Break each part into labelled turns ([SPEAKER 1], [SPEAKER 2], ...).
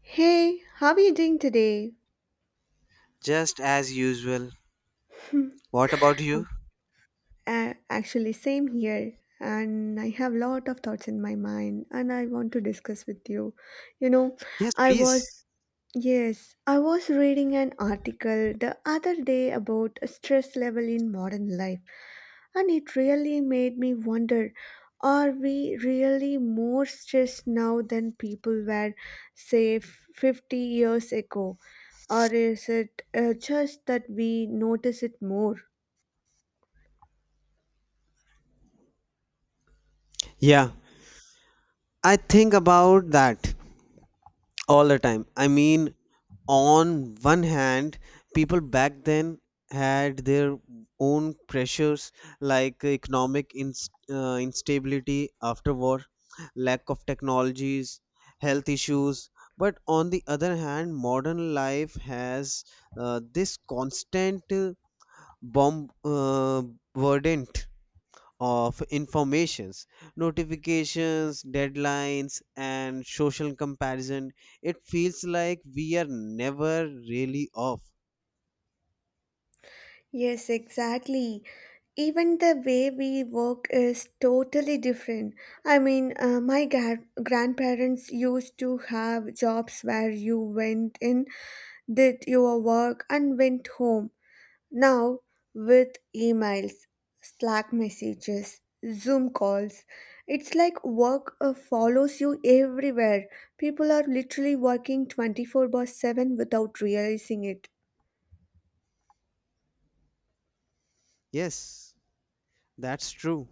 [SPEAKER 1] Hey, how are you doing today?
[SPEAKER 2] Just as usual.
[SPEAKER 1] Hmm.
[SPEAKER 2] What about
[SPEAKER 1] Oh,
[SPEAKER 2] you?
[SPEAKER 1] actually, same here. And I have lot of thoughts in my mind, and I want to discuss with you. You know,
[SPEAKER 2] Yes,
[SPEAKER 1] I was,
[SPEAKER 2] please.
[SPEAKER 1] yes, I was reading an article the other day about stress level in modern life, and it really made me wonder, are we really more stressed now than people were, say, 50 years ago? Or is it just that we notice it more?
[SPEAKER 2] Yeah, I think about that all the time. I mean, on one hand, people back then had their own pressures like economic instability after war, lack of technologies, health issues. But on the other hand, modern life has this constant bomb burden of informations, notifications, deadlines, and social comparison. It feels like we are never really off.
[SPEAKER 1] Yes, exactly. Even the way we work is totally different. I mean, my grandparents used to have jobs where you went in, did your work, and went home. Now, with emails, Slack messages, Zoom calls, it's like work follows you everywhere. People are literally working 24/7 without realizing it.
[SPEAKER 2] Yes, that's true,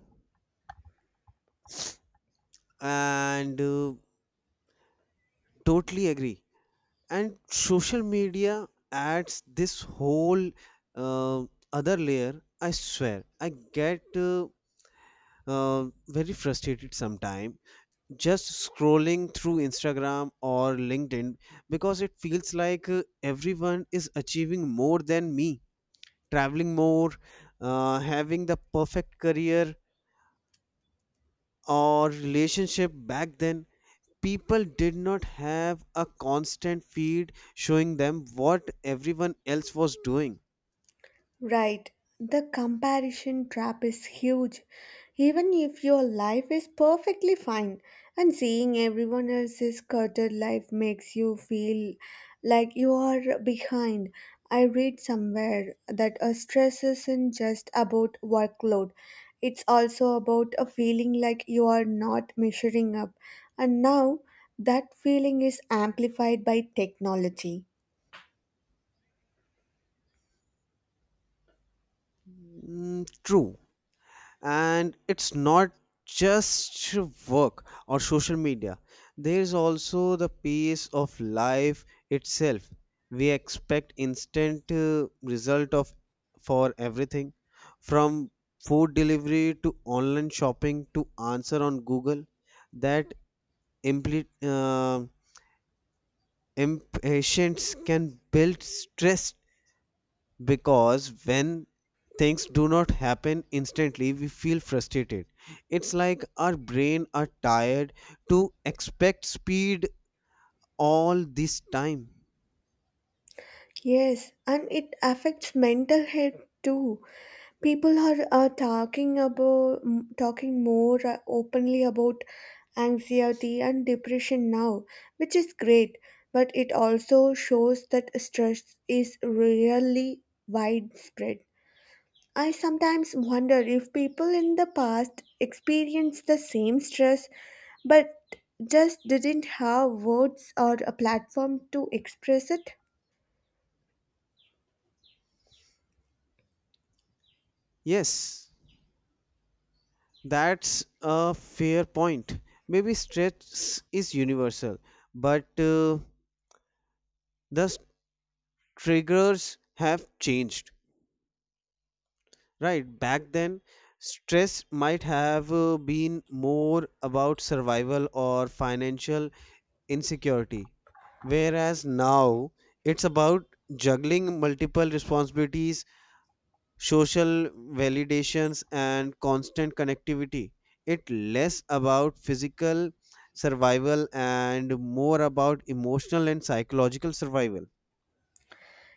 [SPEAKER 2] and totally agree. And social media adds this whole uh, other layer. I swear I get uh, very frustrated sometimes just scrolling through Instagram or LinkedIn, because it feels like everyone is achieving more than me, traveling more, having the perfect career or relationship. Back then, people did not have a constant feed showing them what everyone else was doing.
[SPEAKER 1] Right, the comparison trap is huge. Even if your life is perfectly fine and seeing everyone else's cluttered life makes you feel like you are behind. I read somewhere that a stress isn't just about workload. It's also about a feeling like you are not measuring up. And now that feeling is amplified by technology.
[SPEAKER 2] Mm, true, and it's not just work or social media. There's also the pace of life itself. We expect instant result of for everything, from food delivery to online shopping to answer on Google. That impli- uh, impatience can build stress, because when things do not happen instantly we feel frustrated. It's like our brain are tired to expect speed all this time.
[SPEAKER 1] Yes, and it affects mental health too. People are talking about talking more openly about anxiety and depression now, which is great, but it also shows that stress is really widespread. I sometimes wonder if people in the past experienced the same stress but just didn't have words or a platform to express it.
[SPEAKER 2] Yes, that's a fair point. Maybe stress is universal, but the s- triggers have changed, right? Back then, stress might have been more about survival or financial insecurity. Whereas now it's about juggling multiple responsibilities, social validations, and constant connectivity. It's less about physical survival and more about emotional and psychological survival.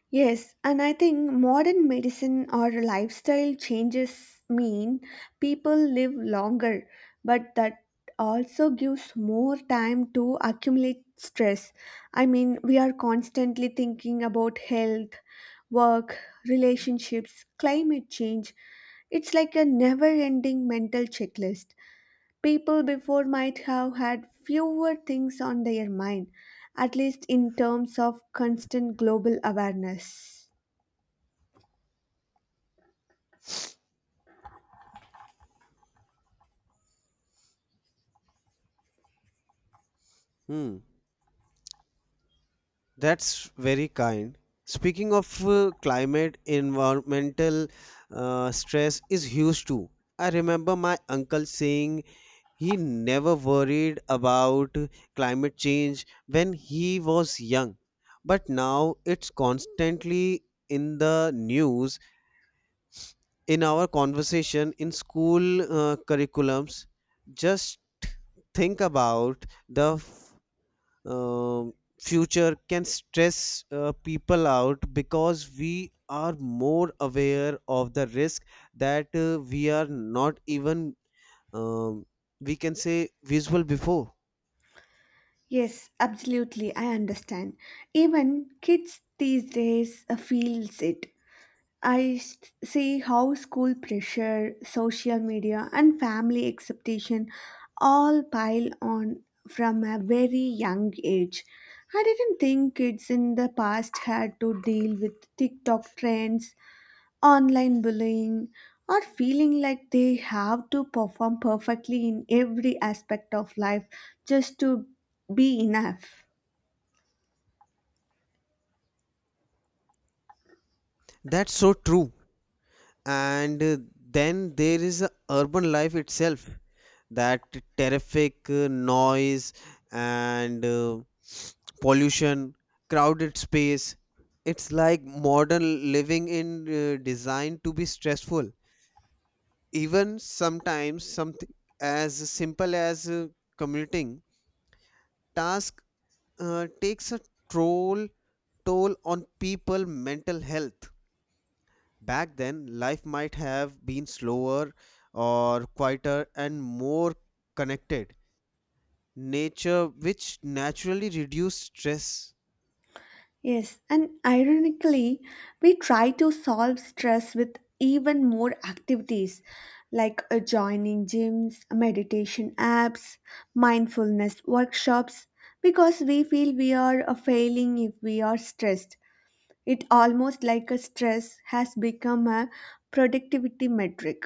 [SPEAKER 1] Yes, and I think modern medicine or lifestyle changes mean people live longer, but that also gives more time to accumulate stress. I mean, we are constantly thinking about health, work, relationships, climate change. It's like a never ending mental checklist. People before might have had fewer things on their mind, at least in terms of constant global awareness.
[SPEAKER 2] Hmm, that's very kind. Speaking of climate, environmental stress is huge too. I remember my uncle saying he never worried about climate change when he was young, but now it's constantly in the news, in our conversation, in school curriculums. Just think about the f- um future can stress people out because we are more aware of the risk that we are not even um, we can say visual before.
[SPEAKER 1] Yes, absolutely, I understand. Even kids these days feels it. I see how school pressure, social media, and family expectation all pile on from a very young age. I didn't think kids in the past had to deal with TikTok trends, online bullying, or feeling like they have to perform perfectly in every aspect of life just to be enough.
[SPEAKER 2] That's so true. And then there is urban life itself, that terrific noise and pollution, crowded space. It's like modern living in designed to be stressful. Even sometimes something as simple as commuting task takes a troll toll on people mental health. Back then, life might have been slower or quieter and more connected. Nature, which naturally reduced stress.
[SPEAKER 1] Yes, and ironically, we try to solve stress with even more activities like joining gyms, meditation apps, mindfulness workshops because we feel we are failing if we are stressed. It almost like a stress has become a productivity metric.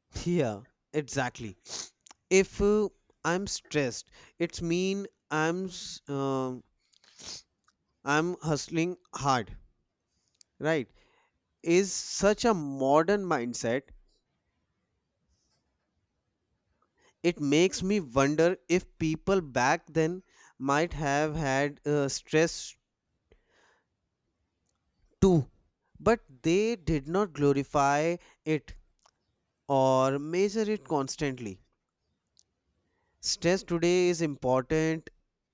[SPEAKER 2] Yeah, exactly. If I'm stressed, it's mean I'm s- um I'm hustling hard, right? Is such a modern mindset. It makes me wonder if people back then might have had stress too, but they did not glorify it or measure it constantly. Stress today is important,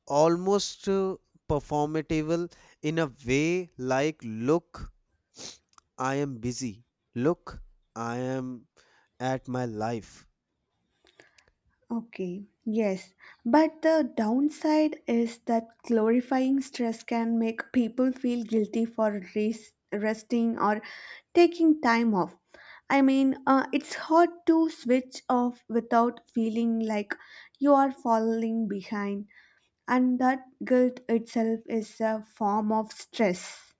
[SPEAKER 2] almost performatival in a way, like, look, I am busy, look, I am at my life.
[SPEAKER 1] Okay, yes, but the downside is that glorifying stress can make people feel guilty for resting or taking time off. I mean, it's hard to switch off without feeling like you are falling behind, and that guilt itself is a form of stress.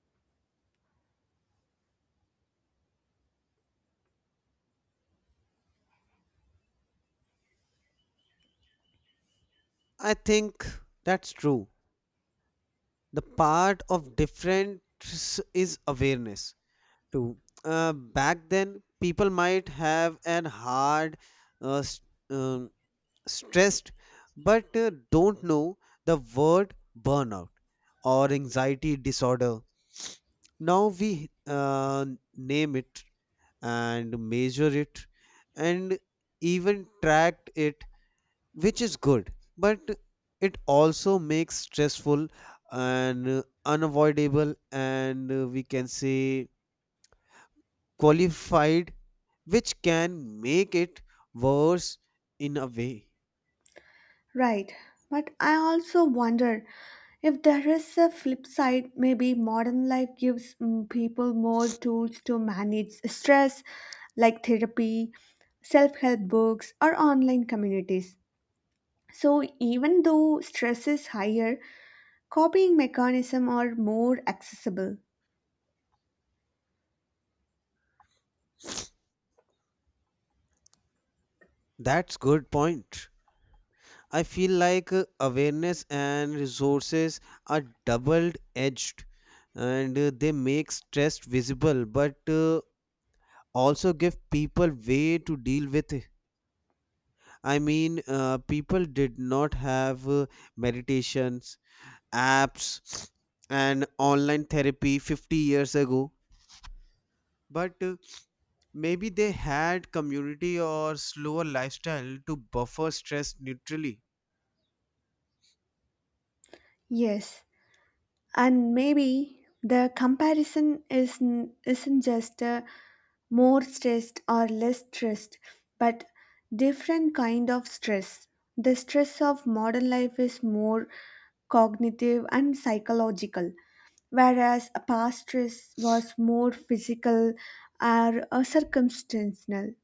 [SPEAKER 2] I think that's true. The part of difference is awareness too. Back then, people might have an hard uh, s- um, stressed, but don't know the word burnout or anxiety disorder. Now we name it and measure it and even track it, which is good, but it also makes stressful and unavoidable and we can say qualified, which can make it worse in a way.
[SPEAKER 1] Right, but I also wonder if there is a flip side. Maybe modern life gives people more tools to manage stress, like therapy, self help books, or online communities. So, even though stress is higher, coping mechanisms are more accessible.
[SPEAKER 2] That's good point. I feel like awareness and resources are double edged, and they make stress visible but also give people way to deal with it. I mean, people did not have meditations, apps, and online therapy 50 years ago. But maybe they had community or slower lifestyle to buffer stress neutrally.
[SPEAKER 1] Yes, and maybe the comparison is, isn't just a more stressed or less stressed but different kind of stress. The stress of modern life is more cognitive and psychological, whereas a past stress was more physical or circumstantial.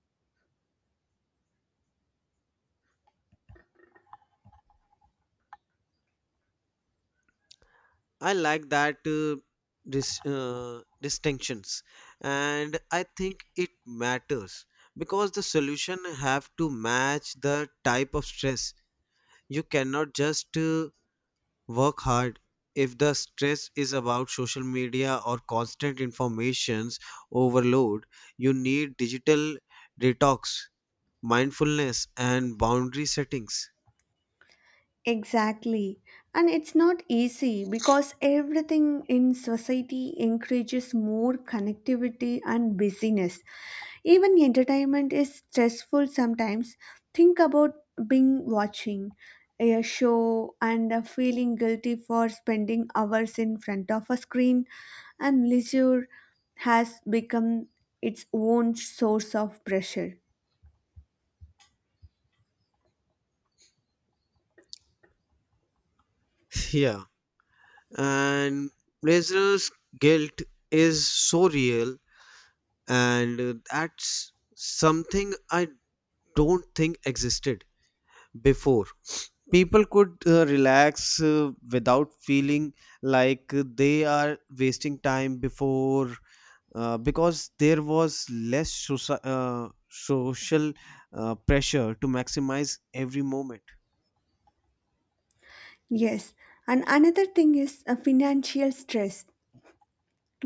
[SPEAKER 2] I like that distinctions, and I think it matters because the solution have to match the type of stress. You cannot just work hard if the stress is about social media or constant informations overload. You need digital detox, mindfulness, and boundary settings.
[SPEAKER 1] Exactly, and it's not easy because everything in society encourages more connectivity and busyness. Even entertainment is stressful sometimes. Think about being watching a show and feeling guilty for spending hours in front of a screen, and leisure has become its own source of pressure.
[SPEAKER 2] Yeah, and listeners' guilt is so real, and that's something I don't think existed before. People could relax without feeling like they are wasting time before, because there was less social pressure to maximize every moment.
[SPEAKER 1] Yes, and another thing is financial stress.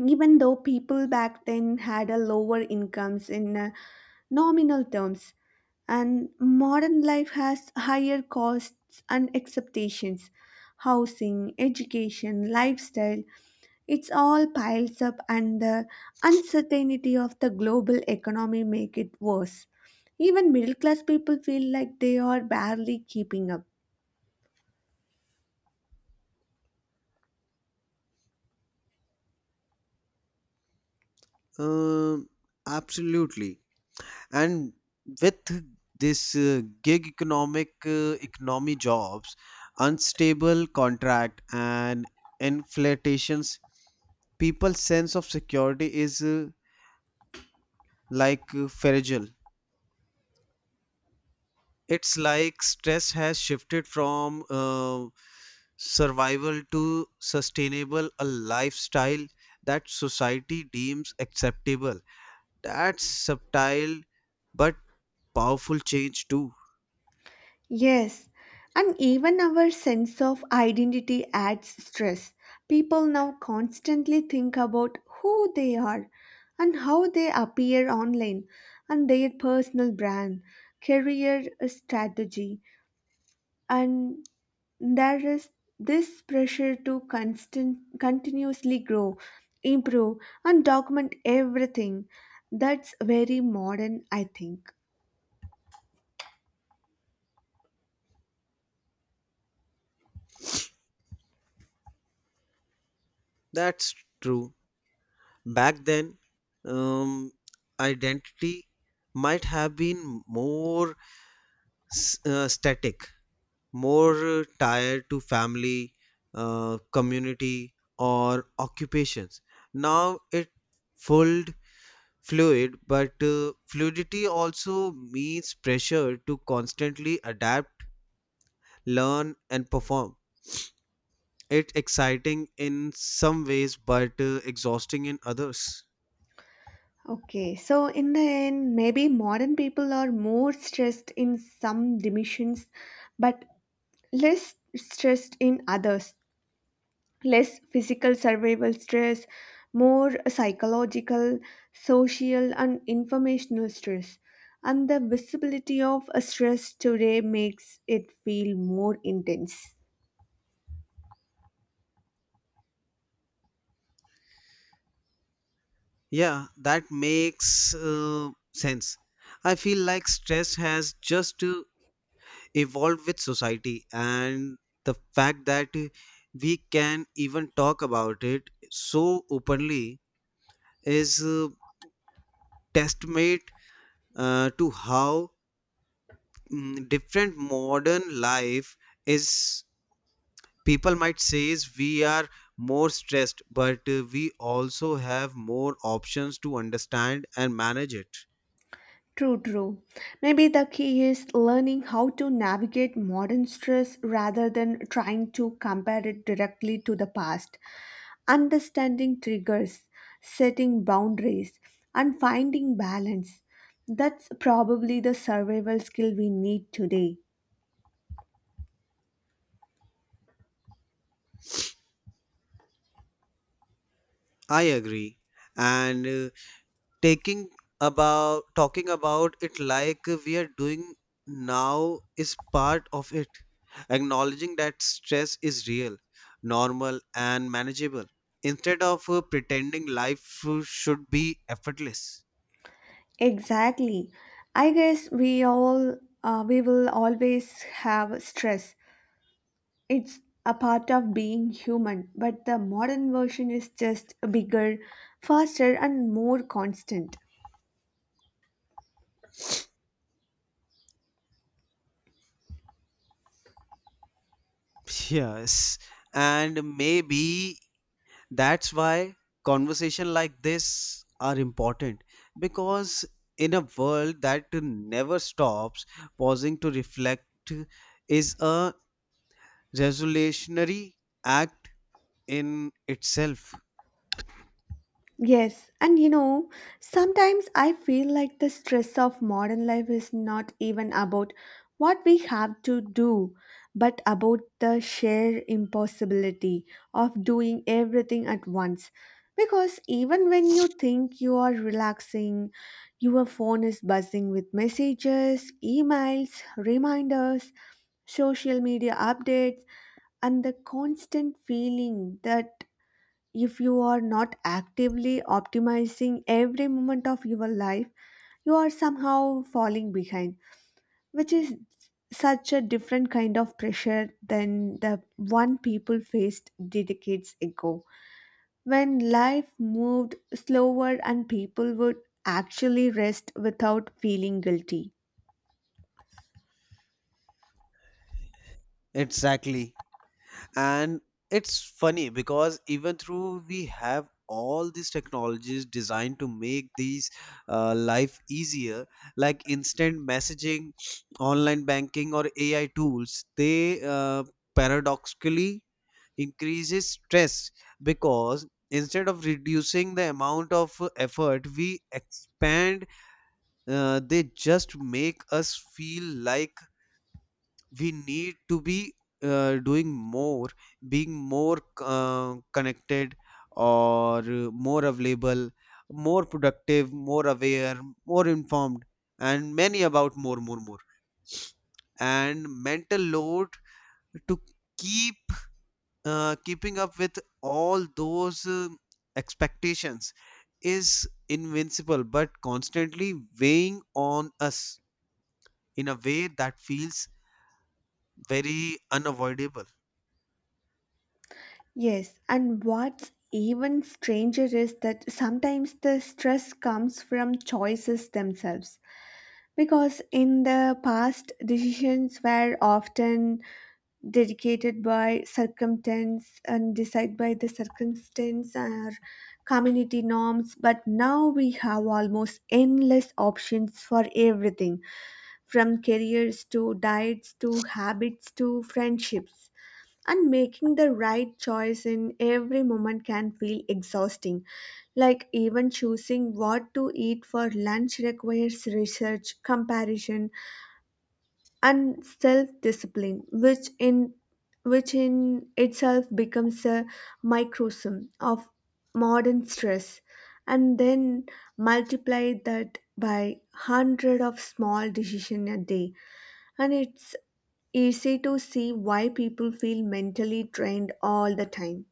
[SPEAKER 1] Even though people back then had a lower incomes in nominal terms and modern life has higher costs and expectations, housing education lifestyle, it's all piles up, and the uncertainty of the global economy make it worse. Even middle class people feel like they are barely keeping up.
[SPEAKER 2] Um, absolutely. And with this gig economic economy jobs, unstable contract, and inflations, people's sense of security is like fragile. It's like stress has shifted from survival to sustainable a lifestyle that society deems acceptable. That's subtle but powerful change too.
[SPEAKER 1] Yes, and even our sense of identity adds stress. People now constantly think about who they are and how they appear online and their personal brand, career strategy, and there is this pressure to constant continuously grow, improve and document everything. That's very modern, I think.
[SPEAKER 2] That's true. Back then, um, identity might have been more static, more tied to family, community, or occupations. Now it fold fluid, but fluidity also means pressure to constantly adapt, learn, and perform. It's exciting in some ways, but exhausting in others.
[SPEAKER 1] Okay, so in the end, maybe modern people are more stressed in some dimensions, but less stressed in others. Less physical survival stress, more psychological, social, and informational stress. And the visibility of a stress today makes it feel more intense.
[SPEAKER 2] Yeah, that makes sense. I feel like stress has just evolved with society, and the fact that we can even talk about it so openly is testament to how different modern life is. People might say is we are more stressed, but we also have more options to understand and manage it.
[SPEAKER 1] True, true. Maybe the key is learning how to navigate modern stress rather than trying to compare it directly to the past. Understanding triggers, setting boundaries, and finding balance. That's probably the survival skill we need today.
[SPEAKER 2] I agree. And taking about talking about it like we are doing now is part of it. Acknowledging that stress is real, normal, and manageable instead of pretending life should be effortless.
[SPEAKER 1] Exactly. I guess we will always have stress. It's a part of being human, but the modern version is just bigger, faster, and more constant.
[SPEAKER 2] Yes. And maybe that's why conversation like this are important, because in a world that never stops, pausing to reflect is a resolutionary act in itself.
[SPEAKER 1] Yes, and you know, sometimes I feel like the stress of modern life is not even about what we have to do, but about the sheer impossibility of doing everything at once. Because even when you think you are relaxing, your phone is buzzing with messages, emails, reminders, social media updates, and the constant feeling that if you are not actively optimizing every moment of your life, you are somehow falling behind, which is such a different kind of pressure than the one people faced decades ago when life moved slower and people would actually rest without feeling guilty.
[SPEAKER 2] Exactly. And it's funny, because even through we have all these technologies designed to make these life easier, like instant messaging, online banking, or AI tools, they paradoxically increases stress, because instead of reducing the amount of effort we expand, they just make us feel like we need to be doing more, being more connected, or more available, more productive, more aware, more informed, and many about more, more, more. And mental load to keep keeping up with all those expectations is invincible but constantly weighing on us in a way that feels very unavoidable.
[SPEAKER 1] Yes, and what's even stranger is that sometimes the stress comes from choices themselves. Because in the past, decisions were often dedicated by circumstance and decided by the circumstance or community norms, but now we have almost endless options for everything, from careers to diets to habits to friendships. And making the right choice in every moment can feel exhausting. Like even choosing what to eat for lunch requires research, comparison, and self-discipline, which in itself becomes a microcosm of modern stress, and then multiply that by hundred of small decision a day, and it's easy to see why people feel mentally drained all the time.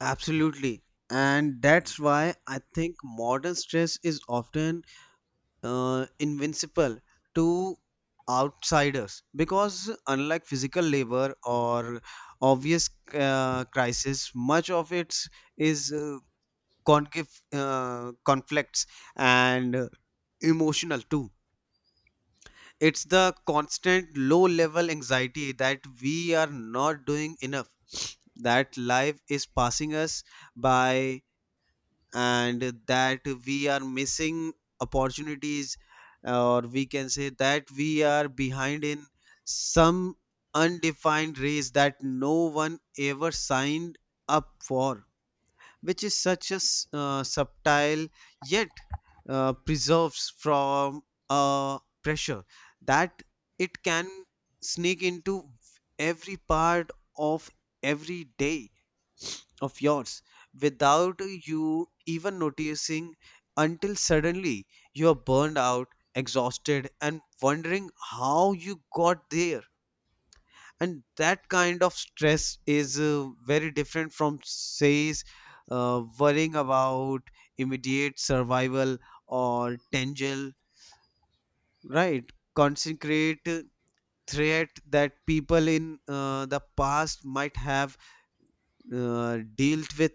[SPEAKER 2] Absolutely. And that's why I think modern stress is often invincible to outsiders, because unlike physical labor or obvious crisis, much of it is conflicts and emotional too. It's the constant low level anxiety that we are not doing enough, that life is passing us by, and that we are missing opportunities, or we can say that we are behind in some undefined race that no one ever signed up for, which is such a subtle yet preserves from uh, pressure that it can sneak into every part of every day of yours without you even noticing, until suddenly you are burned out, exhausted, and wondering how you got there. And that kind of stress is very different from, says, worrying about immediate survival or tangible, right? Consecrate threat that people in the past might have dealt with.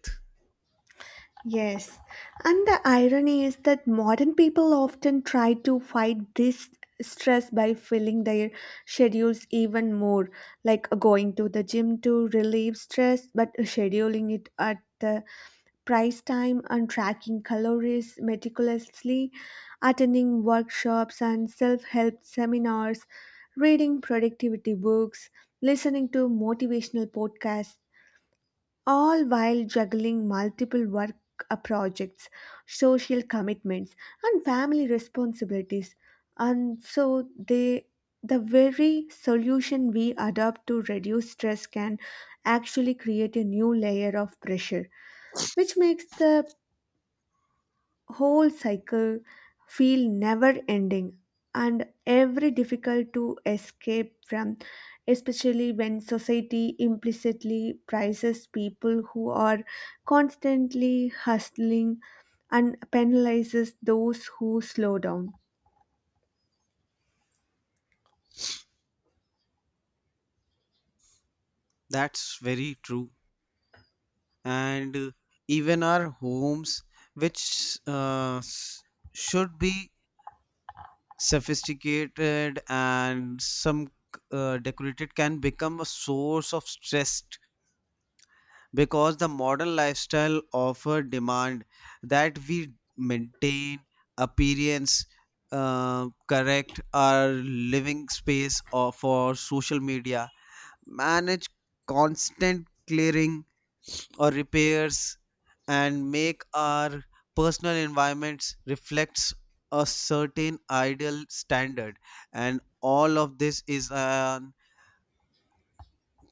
[SPEAKER 1] Yes, and the irony is that modern people often try to fight this stress by filling their schedules even more, like going to the gym to relieve stress, but scheduling it at the price time and tracking calories meticulously, attending workshops and self help seminars, reading productivity books, listening to motivational podcasts all while juggling multiple work projects, social commitments, and family responsibilities. And so they the very solution we adopt to reduce stress can actually create a new layer of pressure, which makes the whole cycle feel never ending and every difficult to escape from, especially when society implicitly prizes people who are constantly hustling and penalizes those who slow down.
[SPEAKER 2] That's very true. And even our homes, which should be sophisticated and some decorated, can become a source of stress, because the modern lifestyle offer demand that we maintain appearance, correct our living space or for social media, manage constant clearing or repairs, and make our personal environments reflects a certain ideal standard. And all of this is on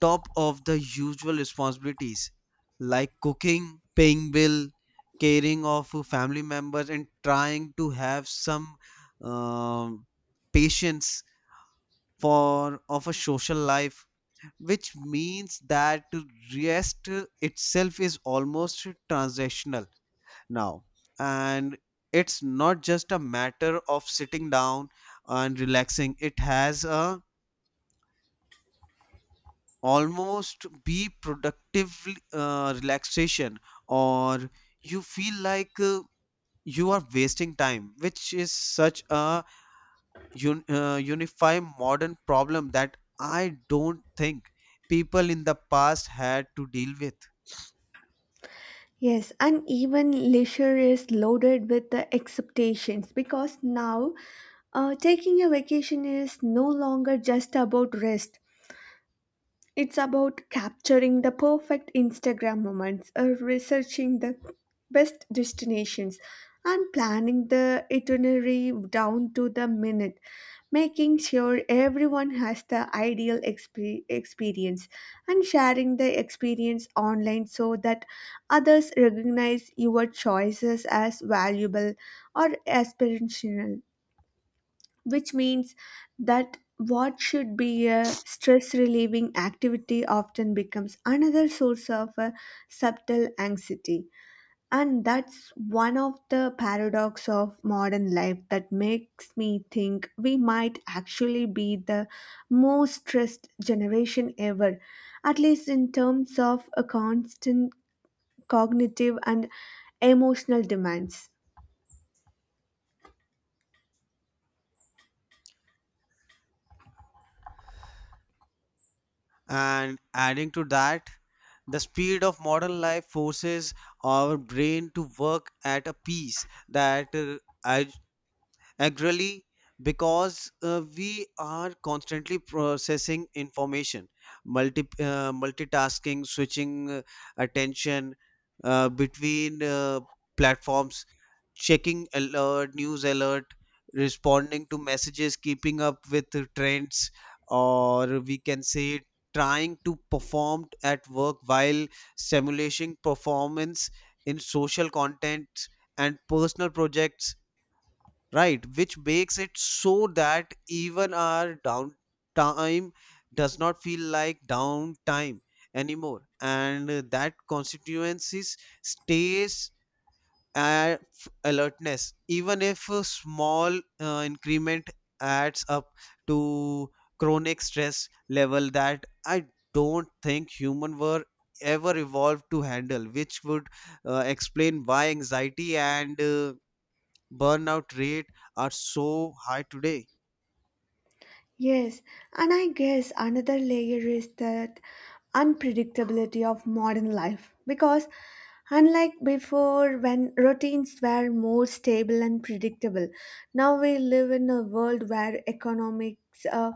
[SPEAKER 2] top of the usual responsibilities like cooking, paying bill, caring of family members, and trying to have some um, patience for of a social life, which means that rest itself is almost transactional now, and it's not just a matter of sitting down and relaxing. It has a almost be productive relaxation, or you feel like you are wasting time, which is such a unify modern problem that I don't think people in the past had to deal with.
[SPEAKER 1] Yes, and even leisure is loaded with the expectations because now taking a vacation is no longer just about rest. It's about capturing the perfect Instagram moments, researching the best destinations, and planning the itinerary down to the minute, making sure everyone has the ideal experience, and sharing the experience online so that others recognize your choices as valuable or aspirational, which means that what should be a stress relieving activity often becomes another source of subtle anxiety. And that's one of the paradox of modern life that makes me think we might actually be the most stressed generation ever, at least in terms of a constant cognitive and emotional demands.
[SPEAKER 2] And adding to that, the speed of modern life forces our brain to work at a pace that Agrally, because we are constantly processing information, multitasking, switching attention between platforms, checking alert, news alert, responding to messages, keeping up with the trends, or we can say trying to perform at work while simulating performance in social content and personal projects, right? Which makes it so that even our downtime does not feel like downtime anymore, and that constituencies stays at alertness. Even if a small increment adds up to chronic stress level that I don't think human were ever evolved to handle, which would explain why anxiety and burnout rate are so high today.
[SPEAKER 1] Yes, and I guess another layer is that unpredictability of modern life, because unlike before when routines were more stable and predictable, now we live in a world where economics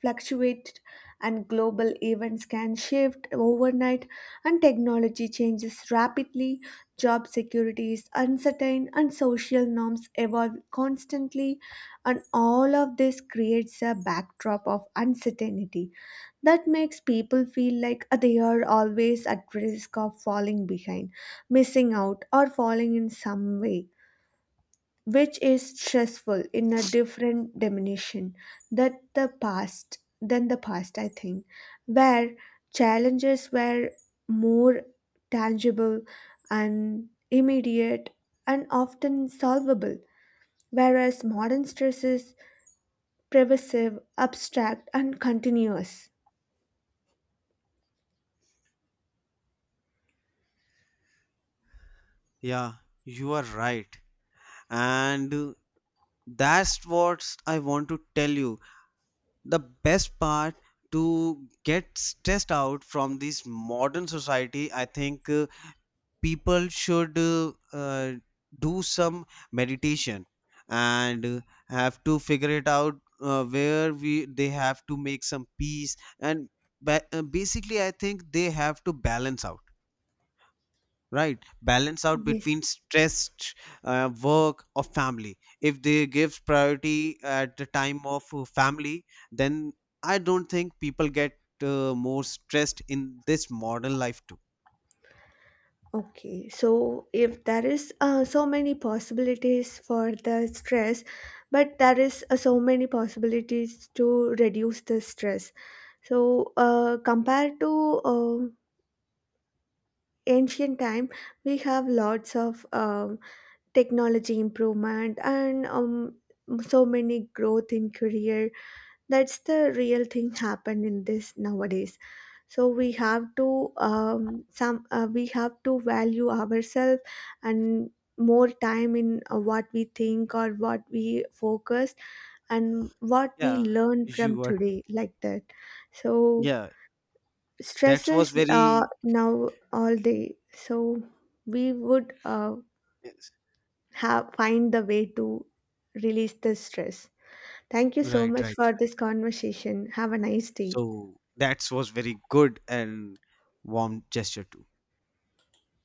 [SPEAKER 1] fluctuate and global events can shift overnight, and technology changes rapidly, job security is uncertain and social norms evolve constantly. And all of this creates a backdrop of uncertainty that makes people feel like they are always at risk of falling behind, missing out or falling in some way, which is stressful in a different dimension that the past than the past, I think, where challenges were more tangible and immediate and often solvable, whereas modern stress is pervasive abstract and continuous.
[SPEAKER 2] Yeah, you are right. And that's what I want to tell you. The best part to get stressed out from this modern society, I think people should do some meditation, and have to figure it out where we they have to make some peace, and basically I think they have to balance out, right? Balance out
[SPEAKER 1] Yes.
[SPEAKER 2] between stress, work or family. If they give priority at the time of family, then I don't think people get more stressed in this modern life too.
[SPEAKER 1] Okay, so if there is so many possibilities for the stress, but there is so many possibilities to reduce the stress. So compared to uh, ancient time, we have lots of technology improvement and so many growth in career. That's the real thing happened in this nowadays. So we have to value ourselves and more time in what we think or what we focus and what we
[SPEAKER 2] Yeah,
[SPEAKER 1] learn from
[SPEAKER 2] you are.
[SPEAKER 1] today like that. So
[SPEAKER 2] Yeah, that
[SPEAKER 1] stresses
[SPEAKER 2] was very.
[SPEAKER 1] now all day, so we would
[SPEAKER 2] Yes.
[SPEAKER 1] have find the way to release the stress. Thank you so
[SPEAKER 2] Right, right,
[SPEAKER 1] much for
[SPEAKER 2] right,
[SPEAKER 1] this conversation. Have a nice day.
[SPEAKER 2] so that was very good and warm gesture too.